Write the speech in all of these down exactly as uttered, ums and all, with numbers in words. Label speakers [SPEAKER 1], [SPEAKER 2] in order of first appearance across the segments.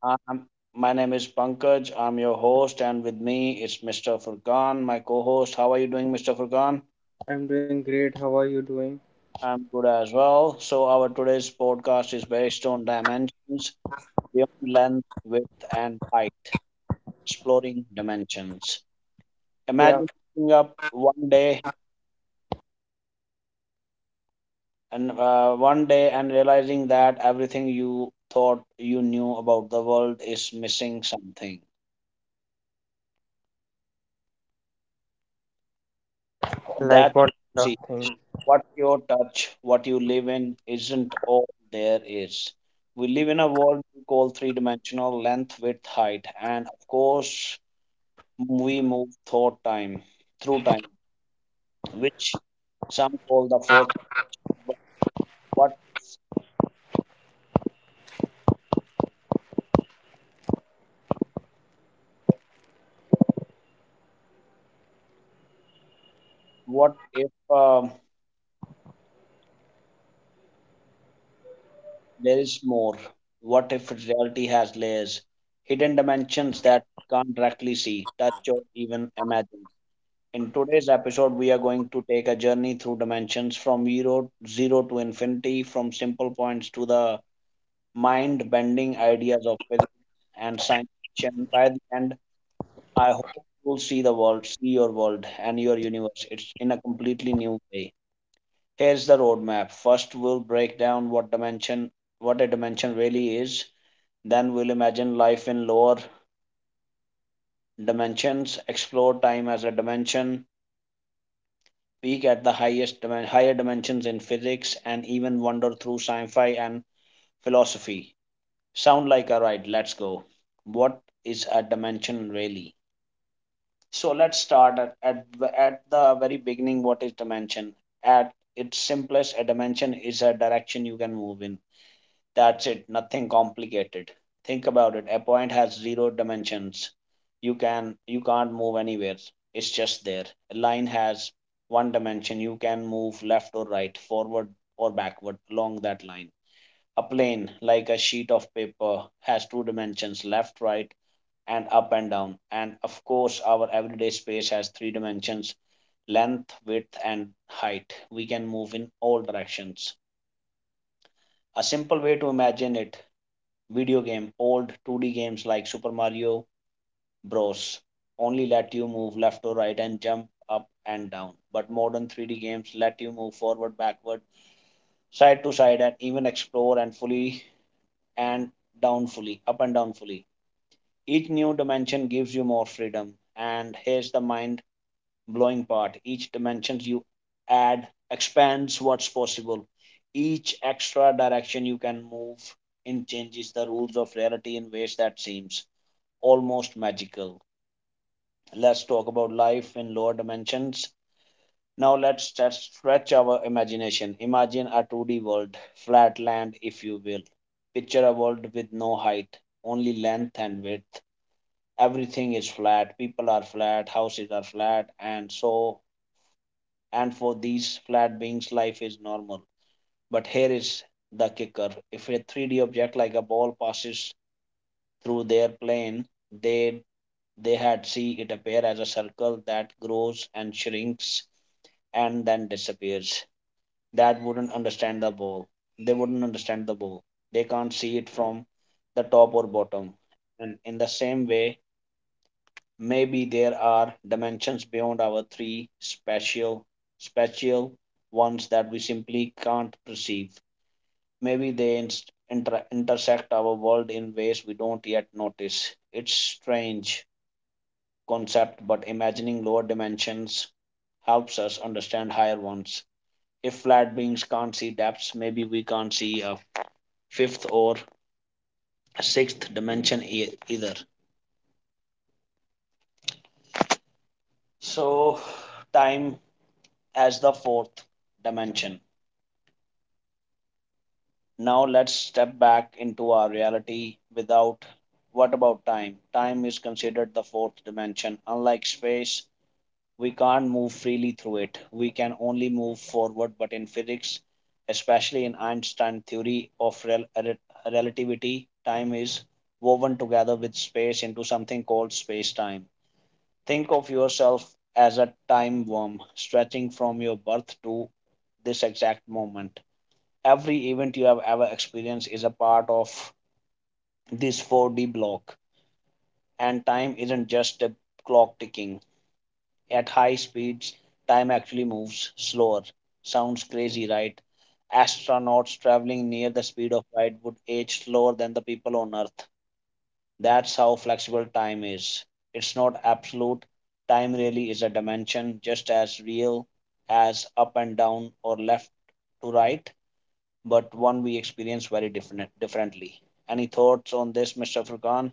[SPEAKER 1] Um, my name is Pankaj. I'm your host, and with me is mister Furkan, my co host. How are you doing, mister Furkan?
[SPEAKER 2] Doing great. How are you doing?
[SPEAKER 1] I'm good as well. So, our today's podcast is based on dimensions beyond length, width, and height, exploring dimensions.
[SPEAKER 2] Yeah,
[SPEAKER 1] Imagine waking up one day and uh, one day and realizing that everything you thought you knew about the world is missing something.
[SPEAKER 2] like
[SPEAKER 1] That's
[SPEAKER 2] what
[SPEAKER 1] what you
[SPEAKER 2] kind
[SPEAKER 1] see,
[SPEAKER 2] of thing?
[SPEAKER 1] what you touch, what you live in, isn't all there is. We live in a world we call three dimensional, length, width, height, and of course, we move through time, through time, which some call the fourth. But what what if um, there is more? What if reality has layers, hidden dimensions that we can't directly see, touch, or even imagine? In today's episode, we are going to take a journey through dimensions from zero, zero to infinity, from simple points to the mind bending ideas of physics and science. Fiction. By the end, I hope you'll see the world, see your world and your universe. It's in a completely new way. Here's the roadmap. First, we'll break down what dimension, what a dimension really is. Then we'll imagine life in lower dimensions, explore time as a dimension, peek at the highest higher dimensions in physics and even wander through sci-fi and philosophy. Sound like a ride. Let's go. What is a dimension really? So let's start at, at, at the very beginning. What is dimension? At its simplest, a dimension is a direction you can move in. That's it, nothing complicated. Think about it. A point has zero dimensions. You can you can't move anywhere. It's just there. A line has one dimension. You can move left or right, forward or backward along that line. A plane, like a sheet of paper, has two dimensions, left, right, and up and down. And of course, our everyday space has three dimensions, length, width, and height. We can move in all directions. A simple way to imagine it, video game, old two D games like Super Mario Bros. Only let you move left or right and jump up and down, but modern three D games let you move forward, backward, side to side, and even explore and fully and down fully, up and down fully. Each new dimension gives you more freedom, and here's the mind blowing part, each dimension you add expands what's possible. Each extra direction you can move in changes the rules of reality in ways that seems almost magical. Let's talk about life in lower dimensions. Now let's just stretch our imagination. Imagine a two D world, flat land if you will. Picture a world with no height, only length and width. Everything is flat, people are flat, houses are flat, and so and for these flat beings life is normal. But here is the kicker. If a three D object like a ball passes through their plane, they They had see it appear as a circle that grows and shrinks and then disappears. That wouldn't understand the ball. They wouldn't understand the ball. They can't see it from the top or bottom. And in the same way, maybe there are dimensions beyond our three spatial spatial ones that we simply can't perceive. Maybe they inst- inter- intersect our world in ways we don't yet notice. It's strange, concept, but imagining lower dimensions helps us understand higher ones. If flat beings can't see depths, maybe we can't see a fifth or a sixth dimension e- either. So, time as the fourth dimension. Now, let's step back into our reality without, what about time? Time is considered the fourth dimension. Unlike space, we can't move freely through it. We can only move forward, but in physics, especially in Einstein's theory of rel- rel- relativity, time is woven together with space into something called space-time. Think of yourself as a time worm stretching from your birth to this exact moment. Every event you have ever experienced is a part of this four D block, and time isn't just a clock ticking. At high speeds, time actually moves slower. Sounds crazy, right? Astronauts traveling near the speed of light would age slower than the people on Earth. That's how flexible time is. It's not absolute. Time really is a dimension, just as real as up and down or left to right, but one we experience very different, differently. Any thoughts on this, mister Furkan?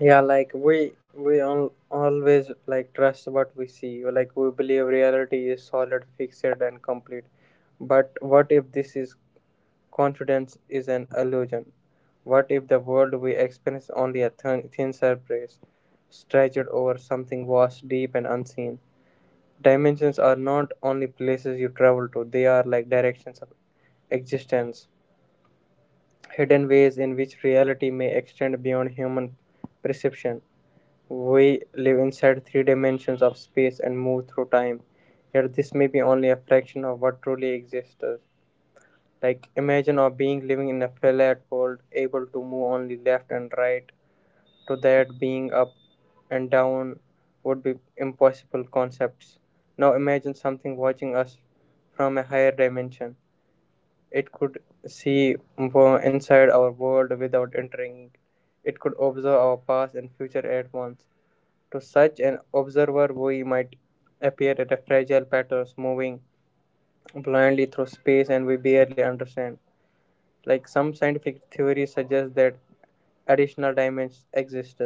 [SPEAKER 2] Yeah, like we we all, always like trust what we see. Like we believe reality is solid, fixed, and complete. But what if this is confidence is an illusion? What if the world we experience only a thin, thin surface, stretched over something vast, deep, and unseen? Dimensions are not only places you travel to; they are like directions of existence. Hidden ways in which reality may extend beyond human perception. We live inside three dimensions of space and move through time, yet this may be only a fraction of what truly exists. Like, imagine of being living in a flat world, able to move only left and right, to that being up and down would be impossible concepts. Now imagine something watching us from a higher dimension. It could see wo- inside our world without entering. It could observe our past and future at once. To such an observer, we might appear at a fragile patterns moving blindly through space and we barely understand. Like some scientific theories suggest that additional dimensions exist,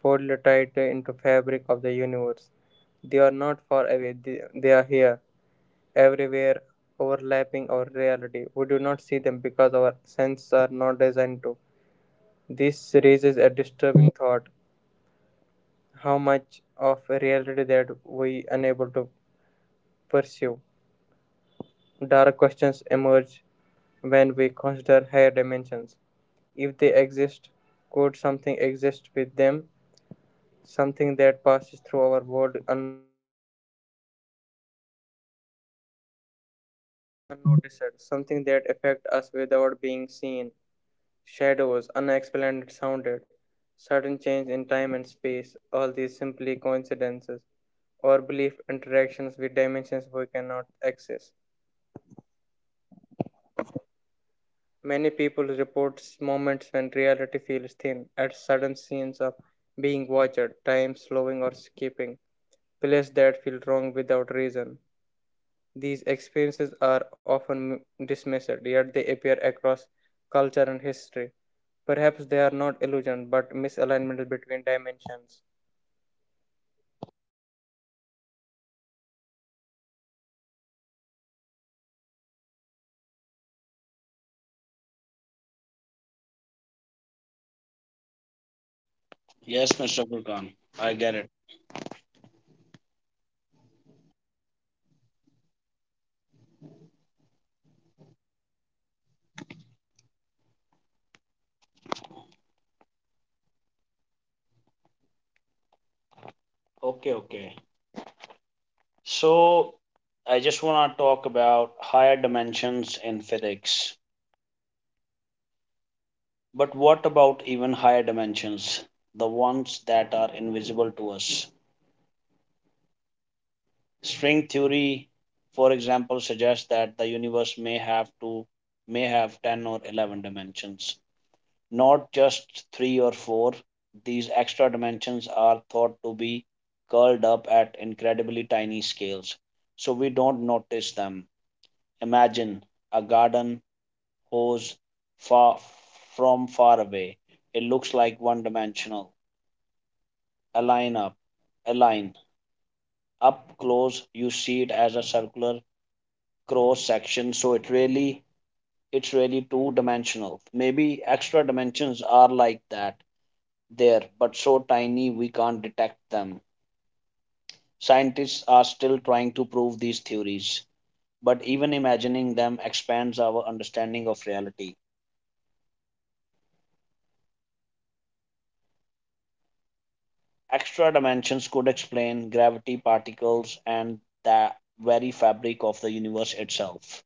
[SPEAKER 2] folded tighter into fabric of the universe. They are not far away; they, they are here everywhere, overlapping our reality. We do not see them because our senses are not designed to. This raises a disturbing thought, how much of reality that we unable to pursue. Dark questions emerge when we consider higher dimensions. If they exist, could something exist with them? Something that passes through our world un- noticed, something that affect us without being seen. Shadows, unexplained sounded, sudden change in time and space, all these simply coincidences or belief interactions with dimensions we cannot access. Many people report moments when reality feels thin, at sudden scenes of being watched, time slowing or skipping, places that feel wrong without reason. These experiences are often dismissed, yet they appear across culture and history. Perhaps they are not illusions, but misalignments between dimensions.
[SPEAKER 1] Yes, mister Furkan. I get it. Okay, okay. So, I just want to talk about higher dimensions in physics. But what about even higher dimensions, the ones that are invisible to us? String theory, for example, suggests that the universe may have to may have ten or eleven dimensions, not just three or four. These extra dimensions are thought to be curled up at incredibly tiny scales, so we don't notice them. Imagine a garden goes far from far away. It looks like one dimensional. A line up, a line up close, you see it as a circular cross section. So it really, it's really two dimensional. Maybe extra dimensions are like that, there, but so tiny we can't detect them. Scientists are still trying to prove these theories, but even imagining them expands our understanding of reality. Extra dimensions could explain gravity, particles, and the very fabric of the universe itself.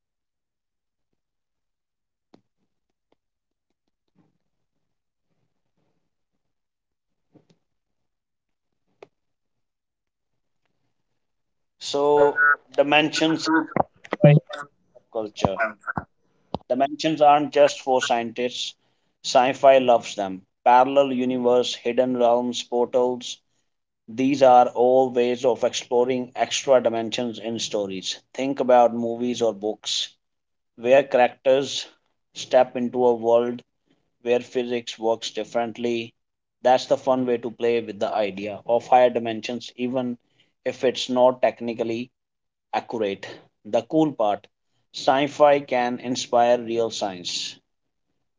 [SPEAKER 1] So, dimensions by culture. Dimensions aren't just for scientists. Sci-fi loves them. Parallel universe, hidden realms, portals. These are all ways of exploring extra dimensions in stories. Think about movies or books where characters step into a world where physics works differently. That's the fun way to play with the idea of higher dimensions, even if it's not technically accurate. The cool part, sci fi can inspire real science.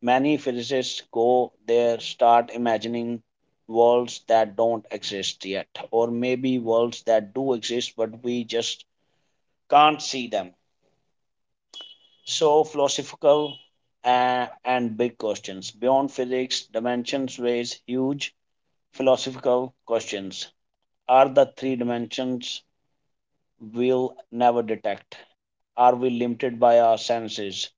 [SPEAKER 1] Many physicists go there, start imagining worlds that don't exist yet, or maybe worlds that do exist but we just can't see them. So, philosophical uh, and big questions. Beyond physics, dimensions raise huge philosophical questions. Are the three dimensions we'll never detect? Are we limited by our senses?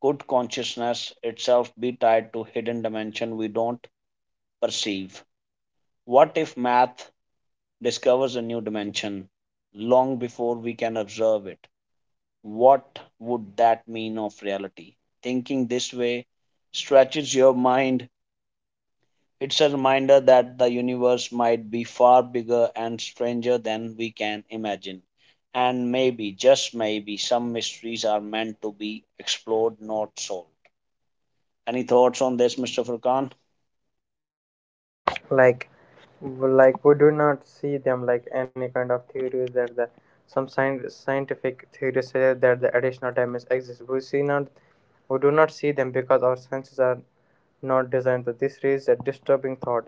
[SPEAKER 1] Could consciousness itself be tied to hidden dimension we don't perceive? What if math discovers a new dimension long before we can observe it? What would that mean of reality? Thinking this way stretches your mind. It's a reminder that the universe might be far bigger and stranger than we can imagine. And maybe, just maybe, some mysteries are meant to be explored, not solved. Any thoughts on this, mister Furkan?
[SPEAKER 2] like like we do not see them, like any kind of theories that the some science, scientific theories say that the additional dimensions exist. We see not we do not see them because our senses are not designed to. This raises a disturbing thought,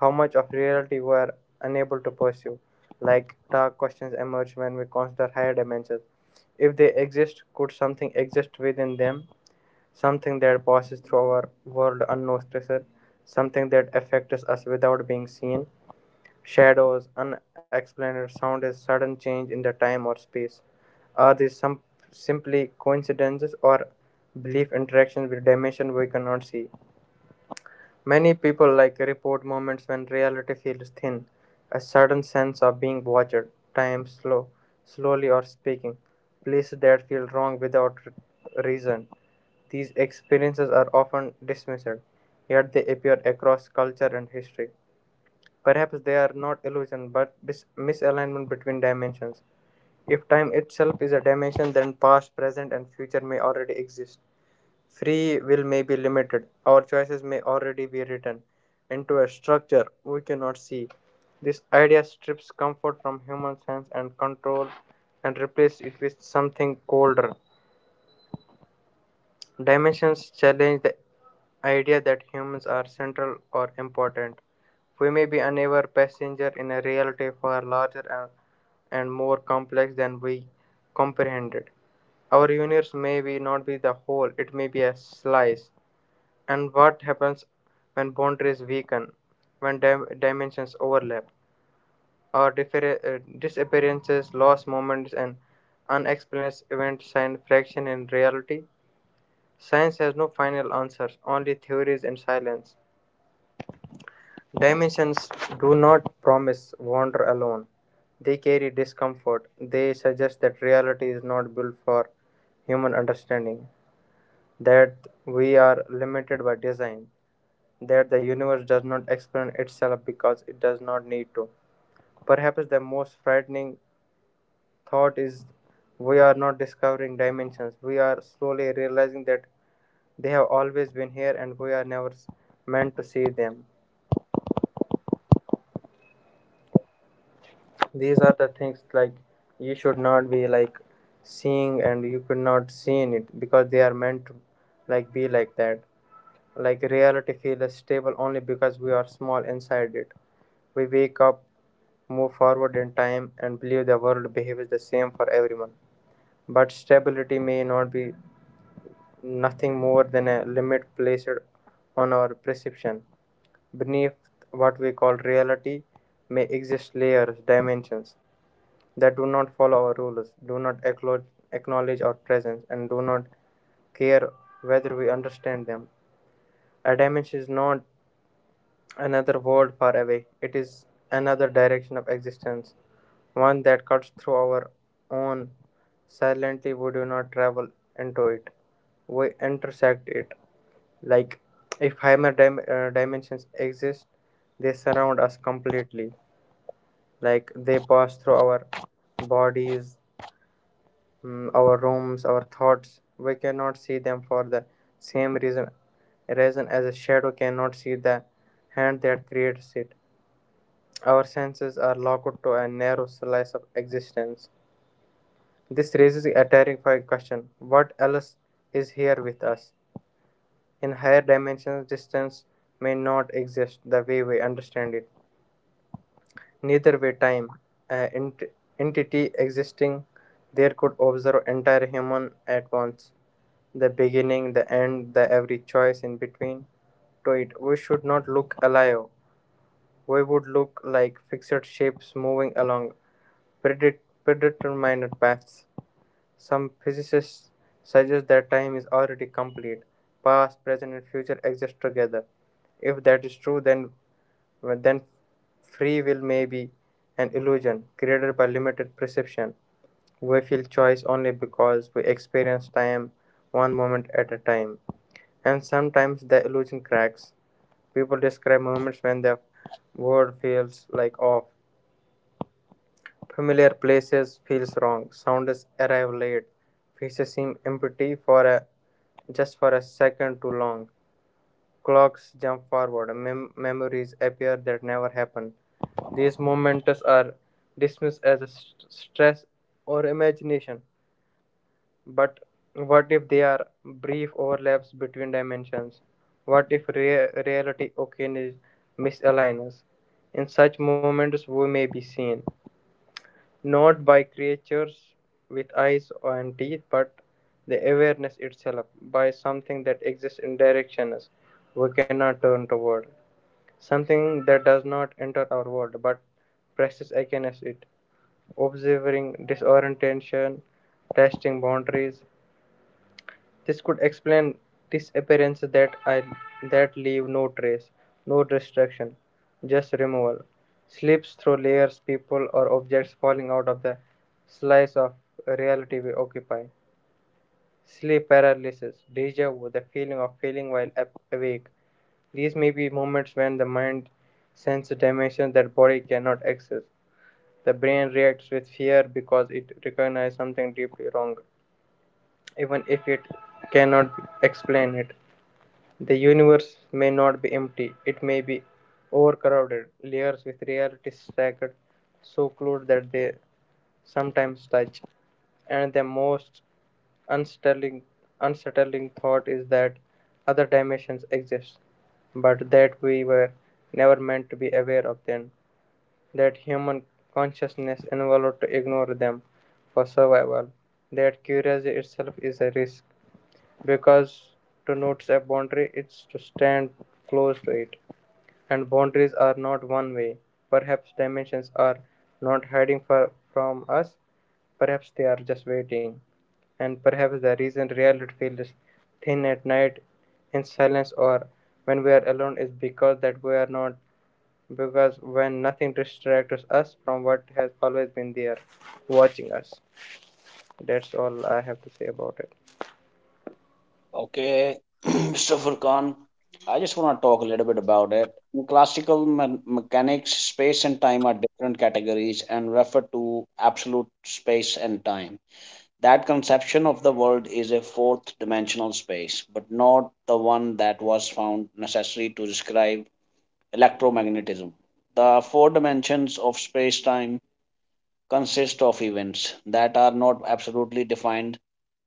[SPEAKER 2] how much of reality we are unable to pursue. Like, dark questions emerge when we consider higher dimensions. If they exist, could something exist within them? Something that passes through our world unnoticed, something that affects us without being seen. Shadows, unexplained sound, a sudden change in the time or space. Are these some simply coincidences or belief interactions with dimension we cannot see? Many people like report moments when reality feels thin, a sudden sense of being watched, time slow, slowly or speaking, places that feel wrong without r- reason. These experiences are often dismissed, yet they appear across culture and history. Perhaps they are not illusion but mis- misalignment between dimensions. If time itself is a dimension, then past, present, and future may already exist. Free will may be limited. Our choices may already be written into a structure we cannot see. This idea strips comfort from human sense and control and replaces it with something colder. Dimensions challenge the idea that humans are central or important. We may be unaware passenger in a reality far larger and, and more complex than we comprehended. Our universe may be not be the whole, it may be a slice. And what happens when boundaries weaken, when dim- dimensions overlap, or differ- uh, disappearances, lost moments, and unexplained events sign fraction in reality? Science has no final answers, only theories and silence. Dimensions do not promise wonder alone. They carry discomfort. They suggest that reality is not built for human understanding, that we are limited by design, that the universe does not expand itself because it does not need to. Perhaps the most frightening thought is we are not discovering dimensions, we are slowly realizing that they have always been here and we are never s- meant to see them. These are the things, like, you should not be like seeing and you could not see in it because they are meant to like be like that. Like, reality feels stable only because we are small inside it. We wake up, move forward in time, and believe the world behaves the same for everyone. But stability may not be nothing more than a limit placed on our perception. Beneath what we call reality may exist layers, dimensions that do not follow our rules, do not acknowledge our presence, and do not care whether we understand them. A dimension is not another world far away. It is another direction of existence, one that cuts through our own. Silently, we do not travel into it, we intersect it. Like, if higher dim- uh, dimensions exist, they surround us completely. Like, they pass through our bodies, mm, our rooms, our thoughts. We cannot see them for the same reason, reason as a shadow cannot see the hand that creates it. Our senses are locked to a narrow slice of existence. This raises a terrifying question, what else is here with us? In higher dimensions, distance may not exist the way we understand it. Neither way, time, an ent- entity existing there, could observe entire human at once, the beginning, the end, the every choice in between to it. We should not look alive. We would look like fixed shapes moving along predet- predetermined paths. Some physicists suggest that time is already complete. Past, present, and future exist together. If that is true, then, then free will may be an illusion created by limited perception. We feel choice only because we experience time one moment at a time. And sometimes the illusion cracks. People describe moments when the world feels like off. Familiar places feels wrong. Sounds arrive late. Faces seem empty for a just for a second too long. Clocks jump forward. Mem- memories appear that never happened. These moments are dismissed as a st- stress or imagination. But what if they are brief overlaps between dimensions? What if rea- reality occasionally misaligns? In such moments, we may be seen. Not by creatures with eyes and teeth, but the awareness itself, by something that exists in directions we cannot turn toward, something that does not enter our world but presses against it, observing disorientation, testing boundaries, this could explain disappearances that I that leave no trace, no destruction, just removal. Slips through layers, people or objects falling out of the slice of reality we occupy. Sleep paralysis, deja vu, the feeling of feeling while awake. These may be moments when the mind senses dimensions that body cannot access. The brain reacts with fear because it recognizes something deeply wrong, even if it cannot explain it. The universe may not be empty, it may be overcrowded, layers with realities stacked so close that they sometimes touch. And the most unsettling, unsettling thought is that other dimensions exist, but that we were never meant to be aware of them, that human consciousness evolved to ignore them for survival, that curiosity itself is a risk because denotes a boundary, it's to stand close to it. And boundaries are not one way. Perhaps dimensions are not hiding far from us, perhaps they are just waiting. And perhaps the reason reality feels thin at night, in silence, or when we are alone is because that we are not, because when nothing distracts us from what has always been there watching us. That's all I have to say about it.
[SPEAKER 1] Okay, mister Furkan, I just want to talk a little bit about it. In classical me- mechanics, space and time are different categories and refer to absolute space and time. That conception of the world is a fourth dimensional space, but not the one that was found necessary to describe electromagnetism. The four dimensions of space time consist of events that are not absolutely defined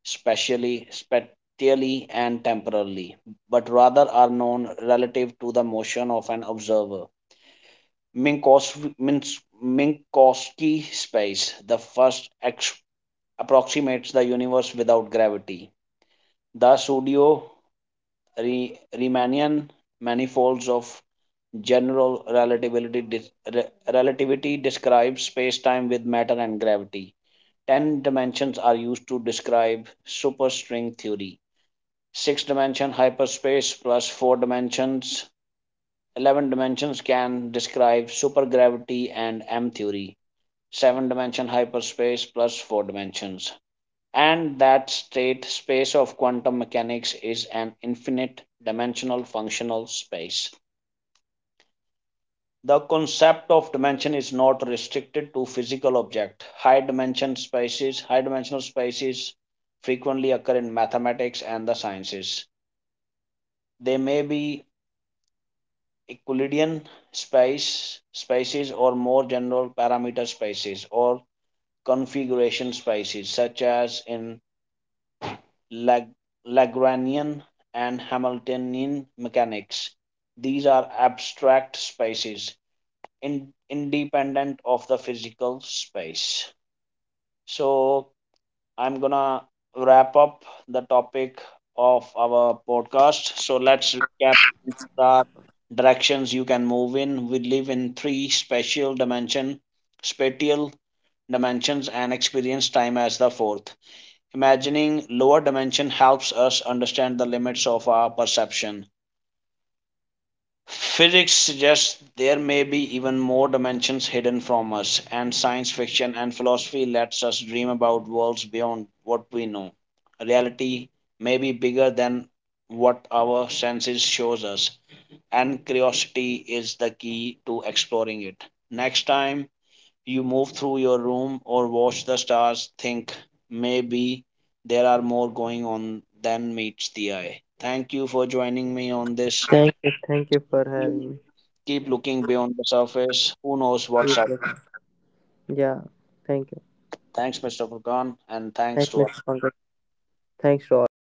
[SPEAKER 1] spatially, spatially, and temporally, but rather are known relative to the motion of an observer. Minkowski, Minkowski space, the first ex- approximates the universe without gravity. The pseudo Re- Riemannian manifolds of general relativity, dis- re- relativity describe spacetime with matter and gravity. Ten dimensions are used to describe superstring theory. Six dimension hyperspace plus four dimensions. Eleven dimensions can describe supergravity and M theory. Seven dimension hyperspace plus four dimensions. And that state space of quantum mechanics is an infinite dimensional functional space. The concept of dimension is not restricted to physical object. High dimension spaces, high dimensional spaces frequently occur in mathematics and the sciences. They may be Euclidean space spaces or more general parameter spaces or configuration spaces such as in Lag- Lagrangian, and Hamiltonian mechanics. These are abstract spaces in- independent of the physical space. So, I'm gonna wrap up the topic of our podcast. So, let's recap the directions you can move in. We live in three spatial dimension, spatial dimensions, and experience time as the fourth. Imagining lower dimension helps us understand the limits of our perception. Physics suggests there may be even more dimensions hidden from us, and science fiction and philosophy lets us dream about worlds beyond what we know. Reality may be bigger than what our senses shows us, and curiosity is the key to exploring it. Next time you move through your room or watch the stars, think, maybe there are more going on than meets the eye. Thank you for joining me on this.
[SPEAKER 2] Thank you. Thank you for having me.
[SPEAKER 1] Keep looking beyond the surface. Who knows
[SPEAKER 2] You
[SPEAKER 1] what's up?
[SPEAKER 2] later. Yeah, thank you.
[SPEAKER 1] Thanks, mister Furkan, and thanks
[SPEAKER 2] Thanks,
[SPEAKER 1] to
[SPEAKER 2] mister Pankaj. Thanks to all.